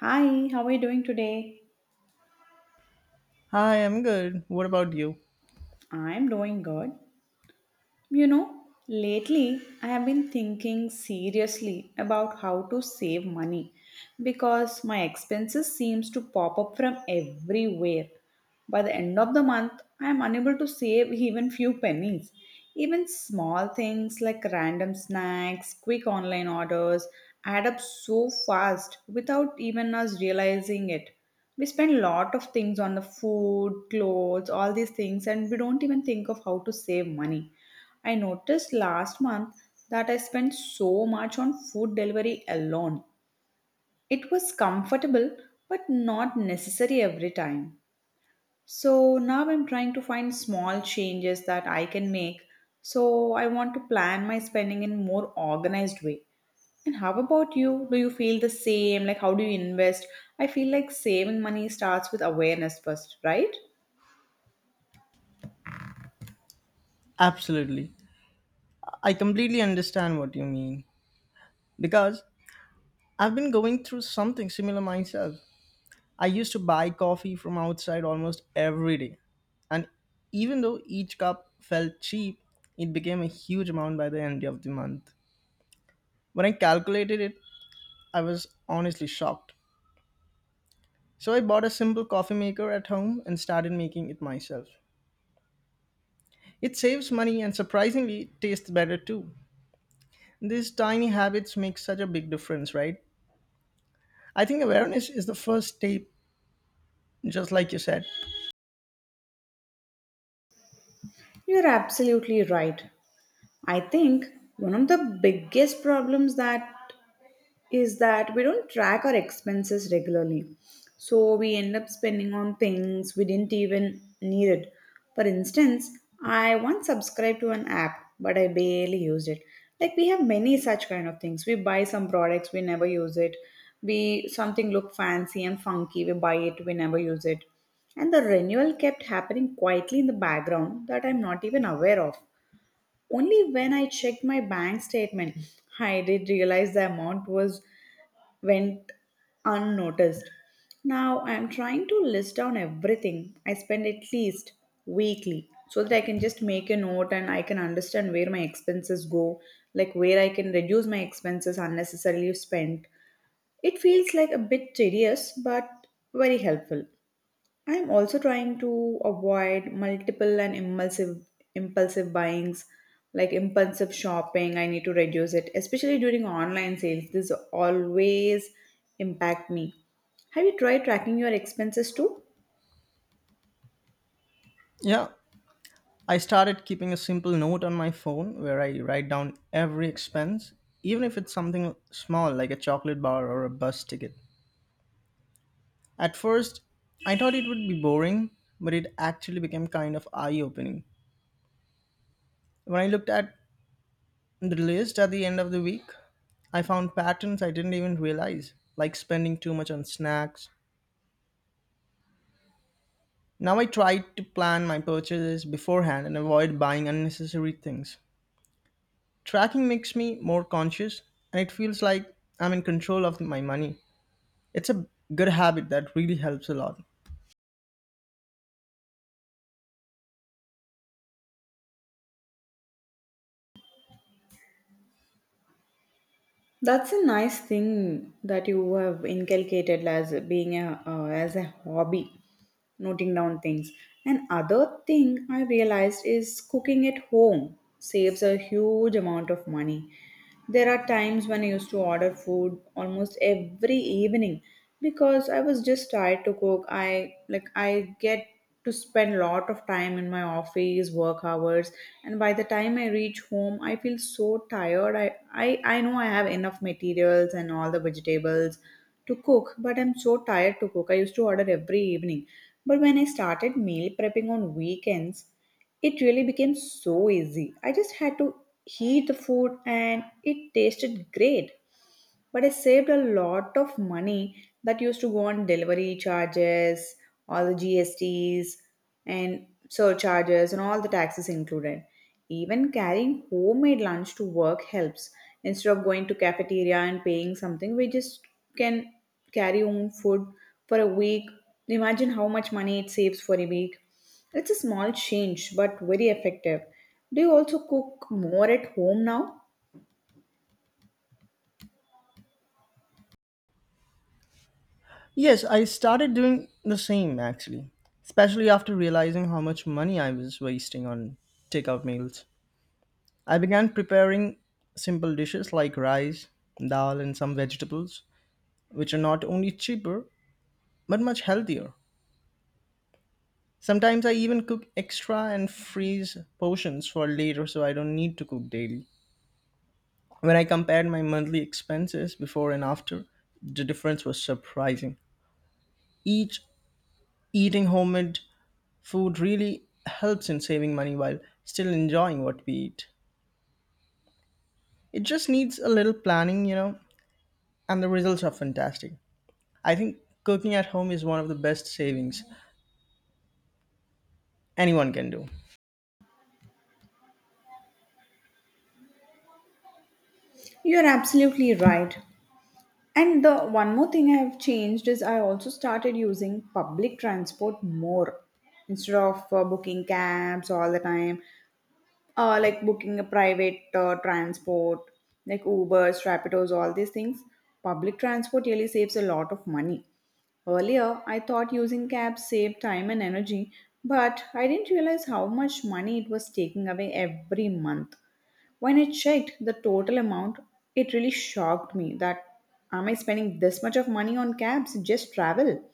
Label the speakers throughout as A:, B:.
A: Hi, how are you doing today?
B: Hi, I'm good. What about you?
A: I'm doing good. You know, lately I have been thinking seriously about how to save money because my expenses seems to pop up from everywhere. By the end of the month, I am unable to save even few pennies. Even small things like random snacks, quick online orders add up so fast without even us realizing it. We spend a lot of things on the food, clothes, all these things, and we don't even think of how to save money. I noticed last month that I spent so much on food delivery alone. It was comfortable but not necessary every time. So now I'm trying to find small changes that I can make. So I want to plan my spending in more organized way. And how about you? Do you feel the same? Like how do you invest? I feel like saving money starts with awareness first, right?
B: Absolutely. I completely understand what you mean because I've been going through something similar myself. I used to buy coffee from outside almost every day. And even though each cup felt cheap, it became a huge amount by the end of the month. When I calculated it, I was honestly shocked. So I bought a simple coffee maker at home and started making it myself. It saves money and surprisingly tastes better too. These tiny habits make such a big difference, right? I think awareness is the first step, just like you said.
A: You're absolutely right. I think one of the biggest problems that is that we don't track our expenses regularly. So we end up spending on things we didn't even need it. For instance, I once subscribed to an app, but I barely used it. Like we have many such kind of things. We buy some products, we never use it. We something look fancy and funky, we buy it, we never use it. And the renewal kept happening quietly in the background that I'm not even aware of. Only when I checked my bank statement, I did realize the amount was went unnoticed. Now I'm trying to list down everything I spend at least weekly so that I can just make a note and I can understand where my expenses go, like where I can reduce my expenses unnecessarily spent. It feels like a bit tedious but very helpful. I'm also trying to avoid multiple and impulsive buyings, like impulsive shopping. I need to reduce it, especially during online sales. This always impact me. Have you tried tracking your expenses too?
B: Yeah, I started keeping a simple note on my phone where I write down every expense, even if it's something small like a chocolate bar or a bus ticket. At first, I thought it would be boring, but it actually became kind of eye opening. When I looked at the list at the end of the week, I found patterns I didn't even realize, like spending too much on snacks. Now I try to plan my purchases beforehand and avoid buying unnecessary things. Tracking makes me more conscious and it feels like I'm in control of my money. It's a good habit that really helps a lot.
A: That's a nice thing that you have inculcated as being a as a hobby, noting down things. And other thing I realized is cooking at home saves a huge amount of money. There are times when I used to order food almost every evening because I was just tired to cook. I like I get to spend a lot of time in my office, work hours, and by the time I reach home, I feel so tired. I know I have enough materials and all the vegetables to cook, but I'm so tired to cook. I used to order every evening. But when I started meal prepping on weekends, it really became so easy. I just had to heat the food and it tasted great, but I saved a lot of money that used to go on delivery charges, all the GSTs, and surcharges, and all the taxes included. Even carrying homemade lunch to work helps. Instead of going to cafeteria and paying something, we just can carry home food for a week. Imagine how much money it saves for a week. It's a small change, but very effective. Do you also cook more at home now?
B: Yes, I started doing the same actually, especially after realizing how much money I was wasting on takeout meals. I began preparing simple dishes like rice, dal, and some vegetables, which are not only cheaper but much healthier. Sometimes I even cook extra and freeze portions for later so I don't need to cook daily. When I compared my monthly expenses before and after, the difference was surprising. Each eating homemade food really helps in saving money while still enjoying what we eat. It just needs a little planning, you know, and the results are fantastic. I think cooking at home is one of the best savings anyone can do.
A: You're absolutely right. And the one more thing I have changed is I also started using public transport more instead of booking cabs all the time, like booking a private transport, like Ubers, Rapidos, all these things. Public transport really saves a lot of money. Earlier, I thought using cabs saved time and energy, but I didn't realize how much money it was taking away every month. When I checked the total amount, it really shocked me that am I spending this much of money on cabs just travel?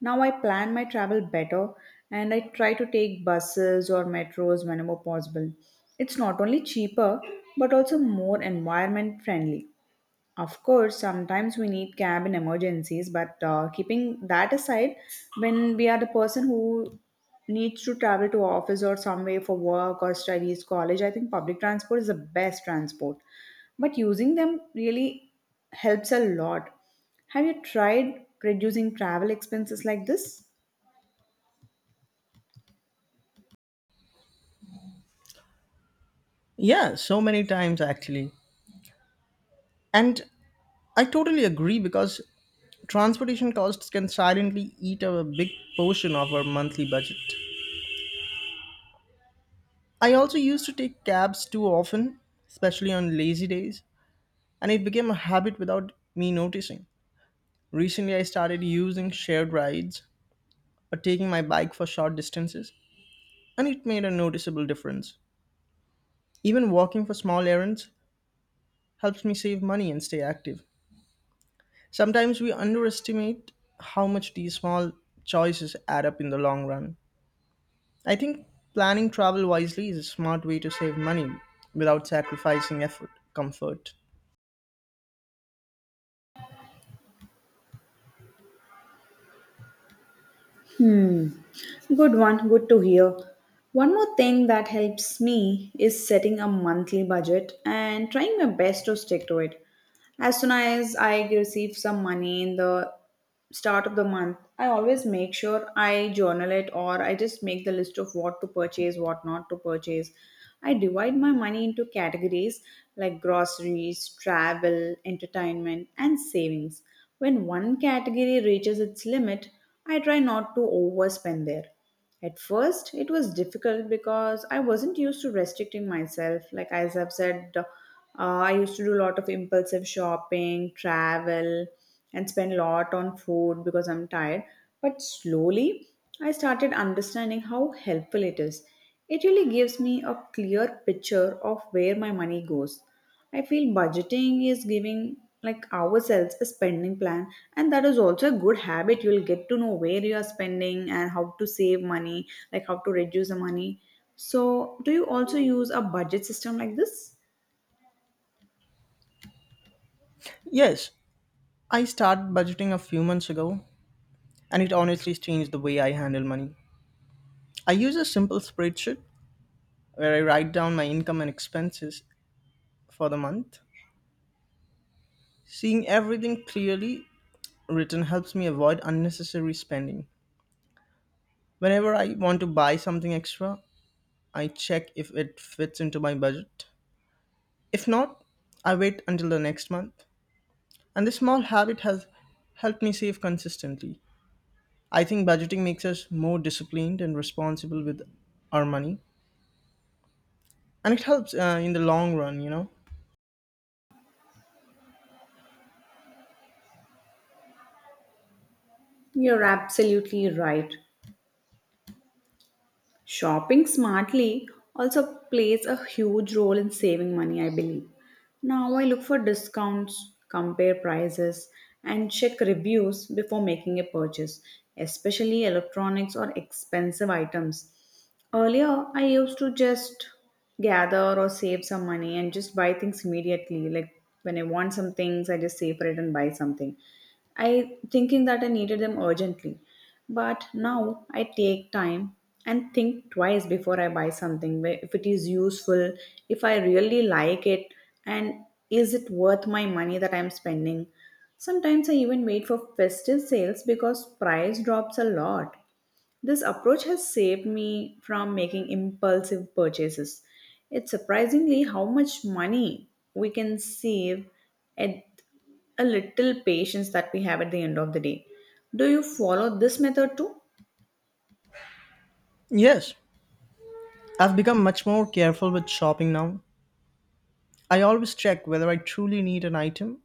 A: Now I plan my travel better and I try to take buses or metros whenever possible. It's not only cheaper but also more environment friendly. Of course, sometimes we need cab in emergencies, but keeping that aside, when we are the person who needs to travel to office or somewhere for work or studies, college, I think public transport is the best transport. But using them really helps a lot. Have you tried reducing travel expenses like this?
B: Yeah, so many times actually. And I totally agree because transportation costs can silently eat up a big portion of our monthly budget. I also used to take cabs too often, especially on lazy days, and it became a habit without me noticing. Recently, I started using shared rides or taking my bike for short distances, and it made a noticeable difference. Even walking for small errands helps me save money and stay active. Sometimes we underestimate how much these small choices add up in the long run. I think planning travel wisely is a smart way to save money without sacrificing effort, comfort.
A: Hmm. Good one. Good to hear. One more thing that helps me is setting a monthly budget and trying my best to stick to it. As soon as I receive some money in the start of the month, I always make sure I journal it or I just make the list of what to purchase, what not to purchase. I divide my money into categories like groceries, travel, entertainment and savings. When one category reaches its limit, I try not to overspend there. At first, it was difficult because I wasn't used to restricting myself. Like as I've said, I used to do a lot of impulsive shopping, travel, and spend a lot on food because I'm tired. But slowly, I started understanding how helpful it is. It really gives me a clear picture of where my money goes. I feel budgeting is giving like ourselves a spending plan, and that is also a good habit. You'll get to know where you are spending and how to save money, like how to reduce the money. So, do you also use a budget system like this?
B: Yes, I started budgeting a few months ago and it honestly changed the way I handle money. I use a simple spreadsheet where I write down my income and expenses for the month. Seeing everything clearly written helps me avoid unnecessary spending. Whenever I want to buy something extra, I check if it fits into my budget. If not, I wait until the next month. And this small habit has helped me save consistently. I think budgeting makes us more disciplined and responsible with our money, and it helps in the long run, you know.
A: You're absolutely right. Shopping smartly also plays a huge role in saving money, I believe. Now I look for discounts, compare prices, and check reviews before making a purchase, especially electronics or expensive items. Earlier, I used to just gather or save some money and just buy things immediately. Like when I want some things, I just save for it and buy something. I thinking that I needed them urgently. But now I take time and think twice before I buy something. If it is useful, if I really like it, and is it worth my money that I'm spending? Sometimes I even wait for festive sales because price drops a lot. This approach has saved me from making impulsive purchases. It's surprisingly how much money we can save at a little patience that we have at the end of the day. Do you follow this method too?
B: Yes, I've become much more careful with shopping now. I always check whether I truly need an item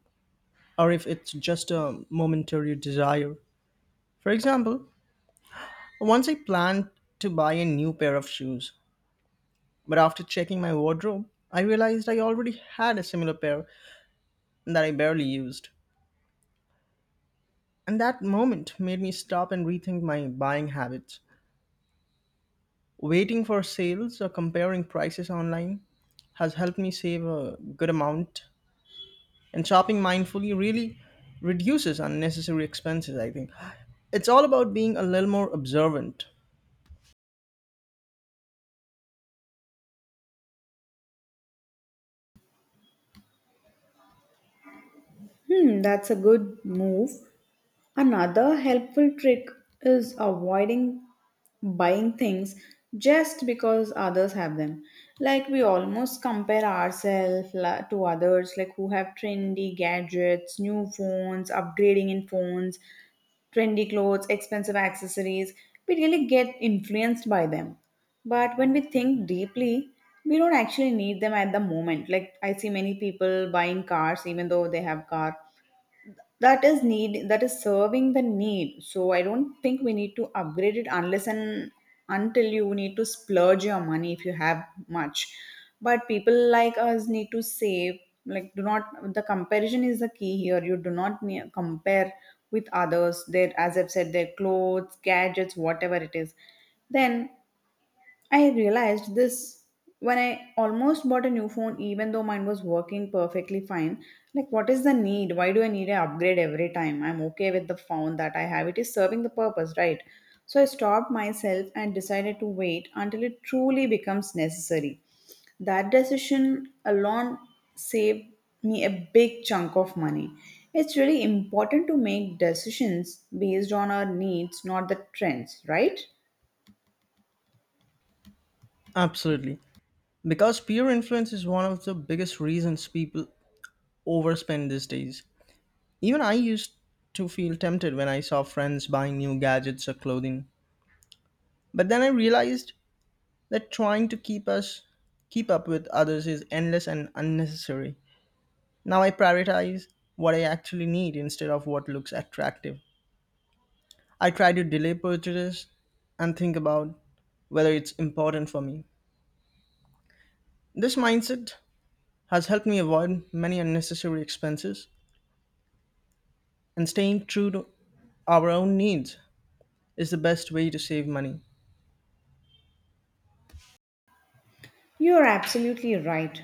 B: or if it's just a momentary desire. For example, once I planned to buy a new pair of shoes, but after checking my wardrobe, I realized I already had a similar pair that I barely used. And that moment made me stop and rethink my buying habits. Waiting for sales or comparing prices online has helped me save a good amount. And shopping mindfully really reduces unnecessary expenses, I think. It's all about being a little more observant.
A: That's a good move. Another helpful trick is avoiding buying things just because others have them. Like we almost compare ourselves to others, like who have trendy gadgets, new phones, upgrading in phones, trendy clothes, expensive accessories. We really get influenced by them. But when we think deeply, we don't actually need them at the moment. Like I see many people buying cars even though they have car that is need, that is serving the need, so I don't think we need to upgrade it unless and until you need to splurge your money if you have much, but people like us need to save. Like do not, the comparison is the key here. You do not compare with others, their as I've said, their clothes, gadgets, whatever it is. Then I realized this when I almost bought a new phone, even though mine was working perfectly fine. Like, what is the need? Why do I need an upgrade every time? I'm okay with the phone that I have. It is serving the purpose, right? So I stopped myself and decided to wait until it truly becomes necessary. That decision alone saved me a big chunk of money. It's really important to make decisions based on our needs, not the trends, right?
B: Absolutely. Because peer influence is one of the biggest reasons people overspend these days. Even I used to feel tempted when I saw friends buying new gadgets or clothing. But then I realized that trying to keep us keep up with others is endless and unnecessary. Now I prioritize what I actually need instead of what looks attractive. I try to delay purchases and think about whether it's important for me. This mindset has helped me avoid many unnecessary expenses and staying true to our own needs is the best way to save money.
A: You are absolutely right.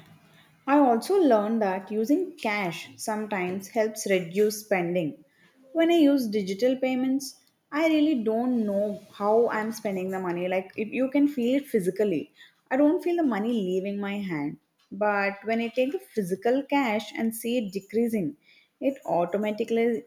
A: I also learned that using cash sometimes helps reduce spending. When I use digital payments, I really don't know how I'm spending the money. Like, if you can feel it physically, I don't feel the money leaving my hand. But when I take the physical cash and see it decreasing, it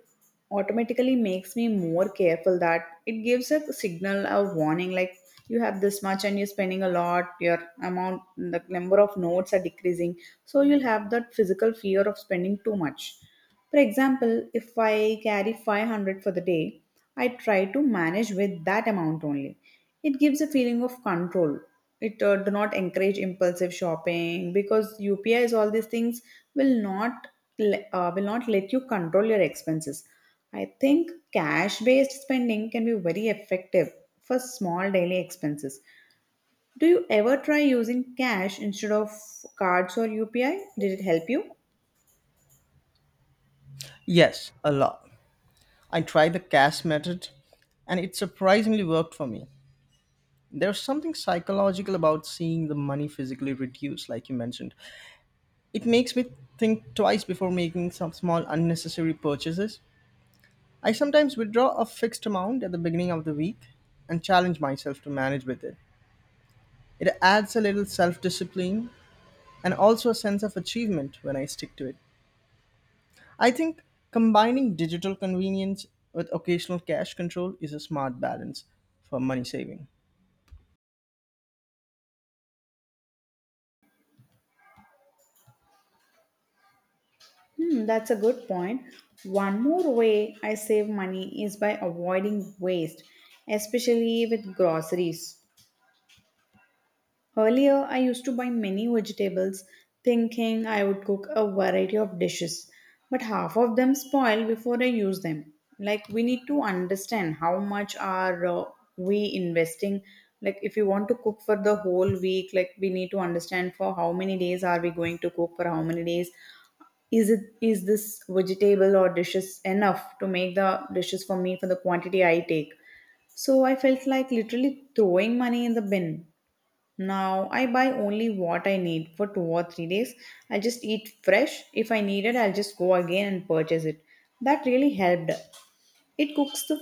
A: automatically makes me more careful, that it gives a signal, a warning like you have this much and you're spending a lot, your amount, the number of notes are decreasing, so you'll have that physical fear of spending too much. For example, if I carry 500 for the day, I try to manage with that amount only. It gives a feeling of control. It do not encourage impulsive shopping because UPIs, all these things, will not will not let you control your expenses. I think cash based spending can be very effective for small daily expenses. Do you ever try using cash instead of cards or UPI? Did it help you?
B: Yes, a lot. I tried the cash method and it surprisingly worked for me. There's something psychological about seeing the money physically reduce, like you mentioned. It makes me think twice before making some small unnecessary purchases. I sometimes withdraw a fixed amount at the beginning of the week and challenge myself to manage with it. It adds a little self discipline and also a sense of achievement when I stick to it. I think combining digital convenience with occasional cash control is a smart balance for money saving.
A: That's a good point. One more way I save money is by avoiding waste, especially with groceries. Earlier, I used to buy many vegetables thinking I would cook a variety of dishes, but half of them spoil before I use them. Like, we need to understand how much are we investing. Like, if you want to cook for the whole week, like, we need to understand for how many days are we going to cook, for how many days is this vegetable or dishes enough to make the dishes for me for the quantity I take so I felt like literally throwing money in the bin. Now I buy only what I need for 2 or 3 days. I just eat fresh. If I need it, I'll just go again and purchase it. That really helped. It cooks the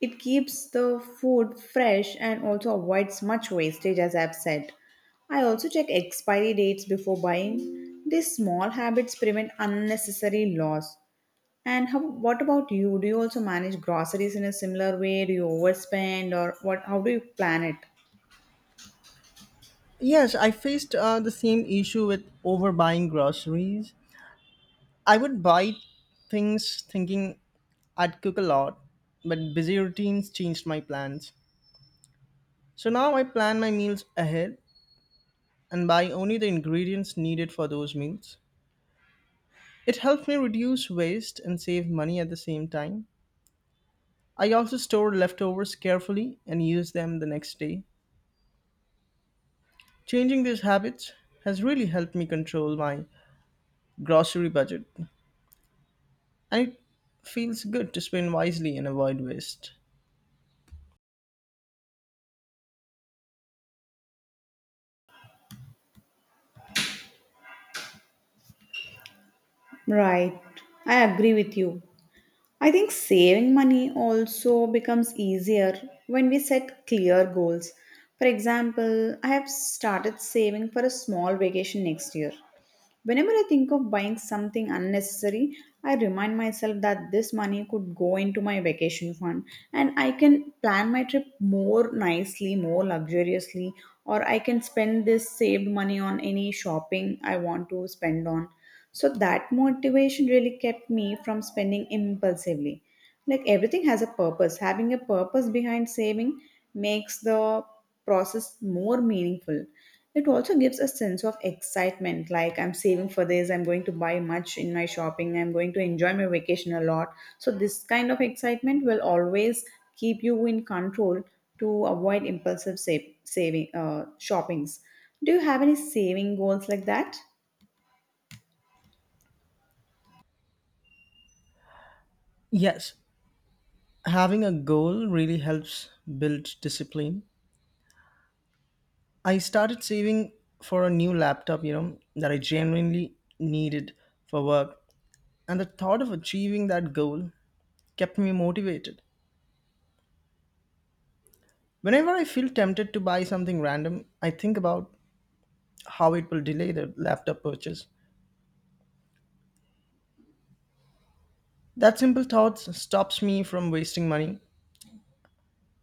A: it keeps the food fresh and also avoids much wastage as I've said. I also check expiry dates before buying. These small habits prevent unnecessary loss. What about you? Do you also manage groceries in a similar way? Do you overspend, or what how do you plan it?
B: Yes, I faced the same issue with overbuying groceries. I would buy things thinking I'd cook a lot, but busy routines changed my plans. So now I plan my meals ahead and buy only the ingredients needed for those meals. It helps me reduce waste and save money at the same time. I also store leftovers carefully and use them the next day. Changing these habits has really helped me control my grocery budget, and it feels good to spend wisely and avoid waste.
A: Right. I agree with you. I think saving money also becomes easier when we set clear goals. For example, I have started saving for a small vacation next year. Whenever I think of buying something unnecessary, I remind myself that this money could go into my vacation fund, and I can plan my trip more nicely, more luxuriously, or I can spend this saved money on any shopping I want to spend on. So that motivation really kept me from spending impulsively. Like, everything has a purpose. Having a purpose behind saving makes the process more meaningful. It also gives a sense of excitement, like, I'm saving for this, I'm going to buy much in my shopping, I'm going to enjoy my vacation a lot. So this kind of excitement will always keep you in control, to avoid impulsive saving shoppings. Do you have any saving goals like that?
B: Yes, having a goal really helps build discipline. I started saving for a new laptop, you know, that I genuinely needed for work. And the thought of achieving that goal kept me motivated. Whenever I feel tempted to buy something random, I think about how it will delay the laptop purchase. That simple thought stops me from wasting money.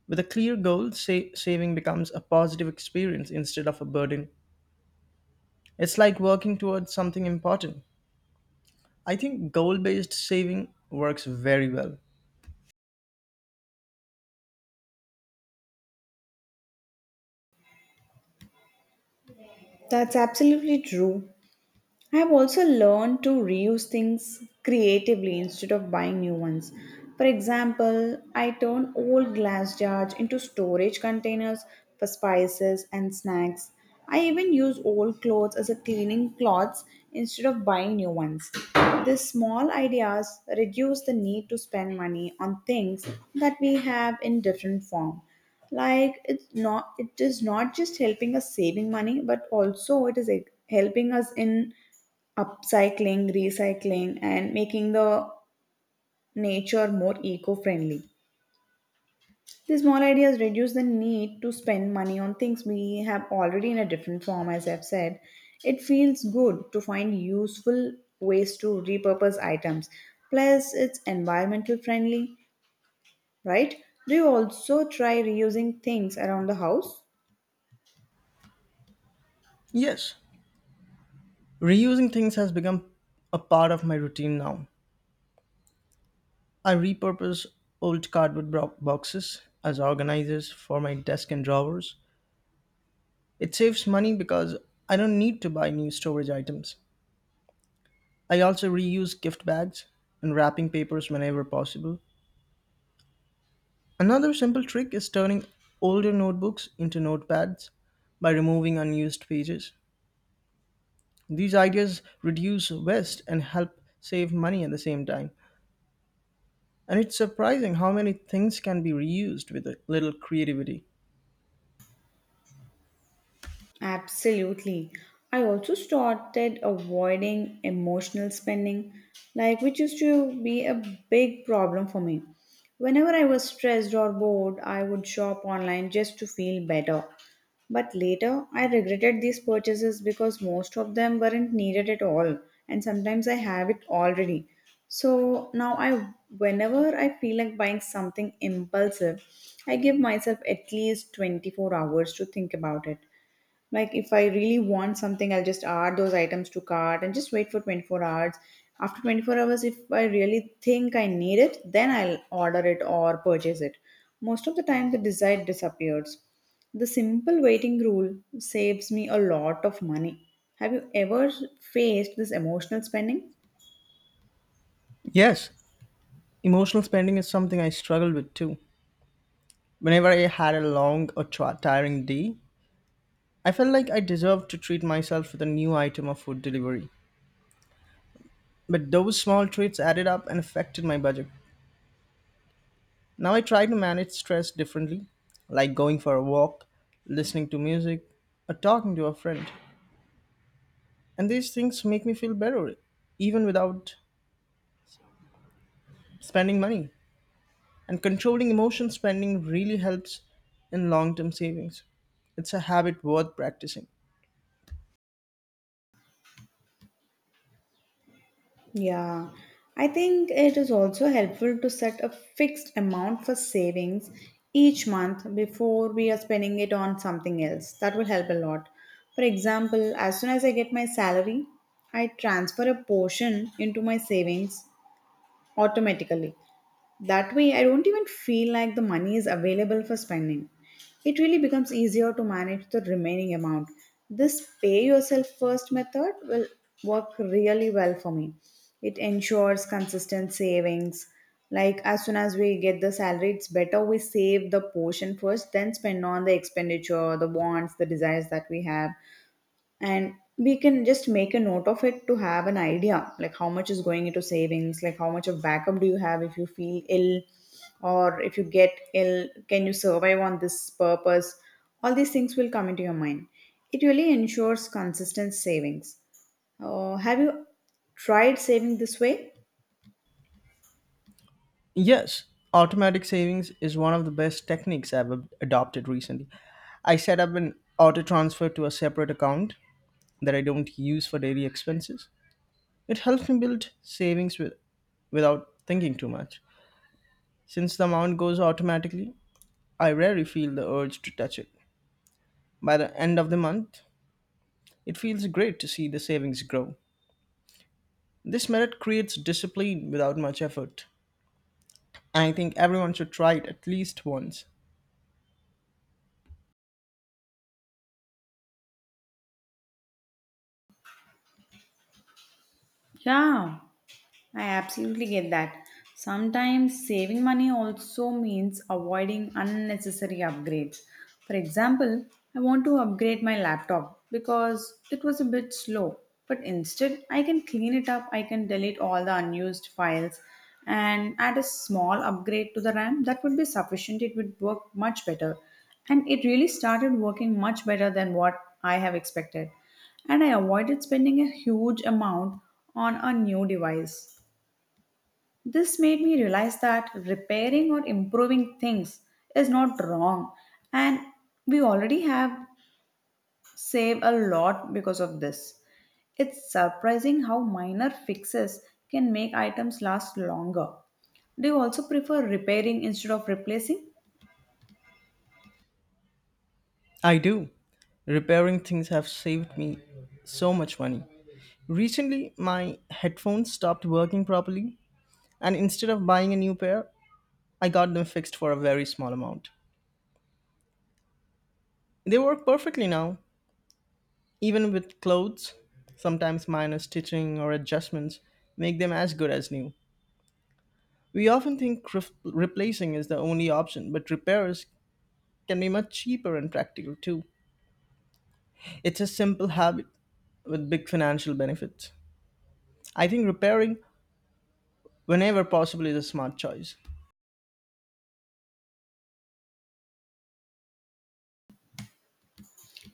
B: With a clear goal, saving becomes a positive experience instead of a burden. It's like working towards something important. I think goal based saving works very well.
A: That's absolutely true. I have also learned to reuse things creatively instead of buying new ones. For example, I turn old glass jars into storage containers for spices and snacks. I even use old clothes as a cleaning cloths instead of buying new ones. These small ideas reduce the need to spend money on things that we have in different form. Like, it is not just helping us saving money, but also it is, like, helping us in upcycling, recycling, and making the nature more eco friendly. These small ideas reduce the need to spend money on things we have already in a different form, as I've said. It feels good to find useful ways to repurpose items. Plus, it's environmental friendly, right? Do you also try reusing things around the house?
B: Yes, reusing things has become a part of my routine now. I repurpose old cardboard boxes as organizers for my desk and drawers. It saves money because I don't need to buy new storage items. I also reuse gift bags and wrapping papers whenever possible. Another simple trick is turning older notebooks into notepads by removing unused pages. These ideas reduce waste and help save money at the same time. And it's surprising how many things can be reused with a little creativity.
A: Absolutely. I also started avoiding emotional spending, like, which used to be a big problem for me. Whenever I was stressed or bored, I would shop online just to feel better. But later, I regretted these purchases because most of them weren't needed at all, and sometimes I have it already. So now I whenever I feel like buying something impulsive, I give myself at least 24 hours to think about it. Like, if I really want something, I'll just add those items to cart and just wait for 24 hours. After 24 hours, if I really think I need it, then I'll order it or purchase it. Most of the time, the desire disappears. The simple waiting rule saves me a lot of money. Have you ever faced this emotional spending?
B: Yes, emotional spending is something I struggled with too. Whenever I had a long or tiring day, I felt like I deserved to treat myself with a new item of food delivery. But those small treats added up and affected my budget. Now I try to manage stress differently, like going for a walk, listening to music, or talking to a friend. And these things make me feel better, even without spending money. And controlling emotion spending really helps in long term savings. It's a habit worth practicing.
A: Yeah, I think it is also helpful to set a fixed amount for savings each month before we are spending it on something else. That will help a lot. For example, as soon as I get my salary, I transfer a portion into my savings automatically. That way, I don't even feel like the money is available for spending. It really becomes easier to manage the remaining amount. This pay yourself first method will work really well for me. It ensures consistent savings. Like, as soon as we get the salary, it's better we save the portion first, then spend on the expenditure, the wants, the desires that we have, and we can just make a note of it to have an idea, like, how much is going into savings, like, how much of backup do you have if you feel ill, or if you get ill can you survive on this purpose. All these things will come into your mind. It really ensures consistent savings. Have you tried saving this way?
B: Yes, automatic savings is one of the best techniques I've adopted recently. I set up an auto transfer to a separate account that I don't use for daily expenses. It helps me build savings without thinking too much. Since the amount goes automatically, I rarely feel the urge to touch it. By the end of the month, it feels great to see the savings grow. This method creates discipline without much effort. I think everyone should try it at least once.
A: Yeah, I absolutely get that. Sometimes saving money also means avoiding unnecessary upgrades. For example, I want to upgrade my laptop because it was a bit slow, but instead, I can clean it up, I can delete all the unused files, and add a small upgrade to the RAM. That would be sufficient, it would work much better. And it really started working much better than what I have expected. And I avoided spending a huge amount on a new device. This made me realize that repairing or improving things is not wrong, and we already have saved a lot because of this. It's surprising how minor fixes can make items last longer. Do you also prefer repairing instead of replacing?
B: I do. Repairing things have saved me so much money. Recently, my headphones stopped working properly, and instead of buying a new pair, I got them fixed for a very small amount. They work perfectly now, even with clothes. Sometimes minor stitching or adjustments make them as good as new. We often think replacing is the only option, but repairs can be much cheaper and practical too. It's a simple habit with big financial benefits. I think repairing whenever possible is a smart choice.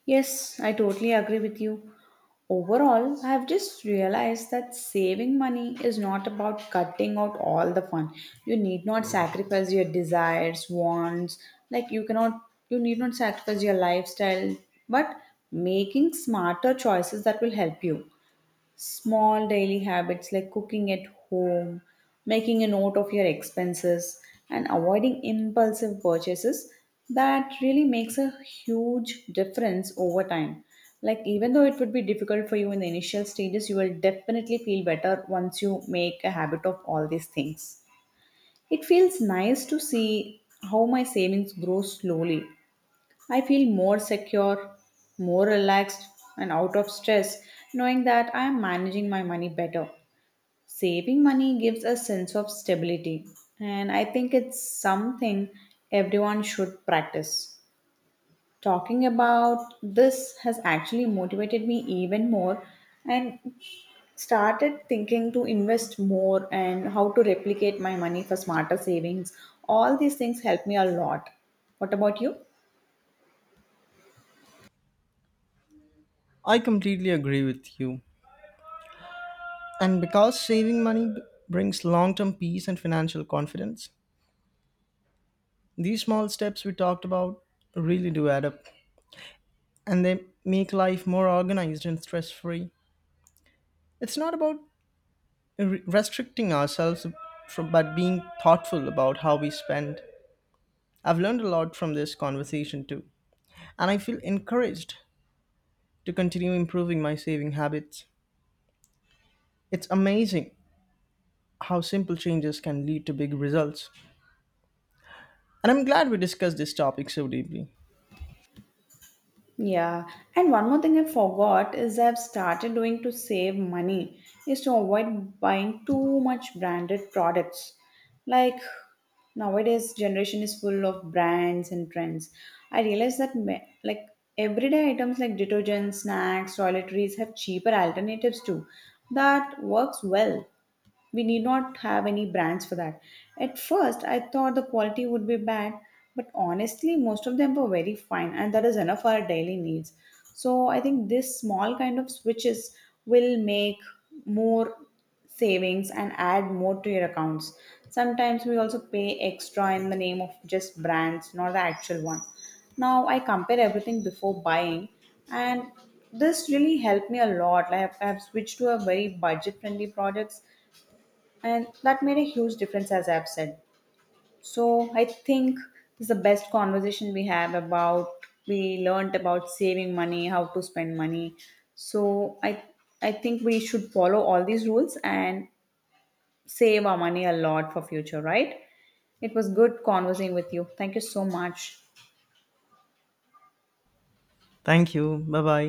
A: Yes, I totally agree with you. Overall, I have just realized that saving money is not about cutting out all the fun. You need not sacrifice your desires, wants, like, you cannot, you need not sacrifice your lifestyle, but making smarter choices that will help you, small daily habits like cooking at home, making a note of your expenses, and avoiding impulsive purchases, that really makes a huge difference over time. Like, even though it would be difficult for you in the initial stages, you will definitely feel better once you make a habit of all these things. It feels nice to see how my savings grow slowly. I feel more secure, more relaxed, and out of stress, knowing that I am managing my money better. Saving money gives a sense of stability, and I think it's something everyone should practice. Talking about this has actually motivated me even more, and started thinking to invest more and how to replicate my money for smarter savings. All these things help me a lot. What about you?
B: I completely agree with you. And because saving money brings long term peace and financial confidence, these small steps we talked about really do add up and they make life more organized and stress free. It's not about restricting ourselves from, but being thoughtful about how we spend. I've learned a lot from this conversation too, and I feel encouraged to continue improving my saving habits. It's amazing how simple changes can lead to big results, and I'm glad we discussed this topic so deeply.
A: Yeah, and one more thing I forgot is I've started doing to save money is to avoid buying too much branded products. Like, nowadays generation is full of brands and trends. I realize that like, everyday items like detergents, snacks, toiletries have cheaper alternatives too that works well. We need not have any brands for that. At first, I thought the quality would be bad, but honestly, most of them were very fine, and that is enough for our daily needs. So, I think this small kind of switches will make more savings and add more to your accounts. Sometimes we also pay extra in the name of just brands, not the actual one. Now, I compare everything before buying, and this really helped me a lot. Like, I've switched to a very budget friendly products, and that made a huge difference as I've said. So I think this is the best conversation we have about, we learned about saving money, how to spend money. So I think we should follow all these rules and save our money a lot for future, right? It was good conversing with you, thank you so much.
B: Thank you. Bye bye.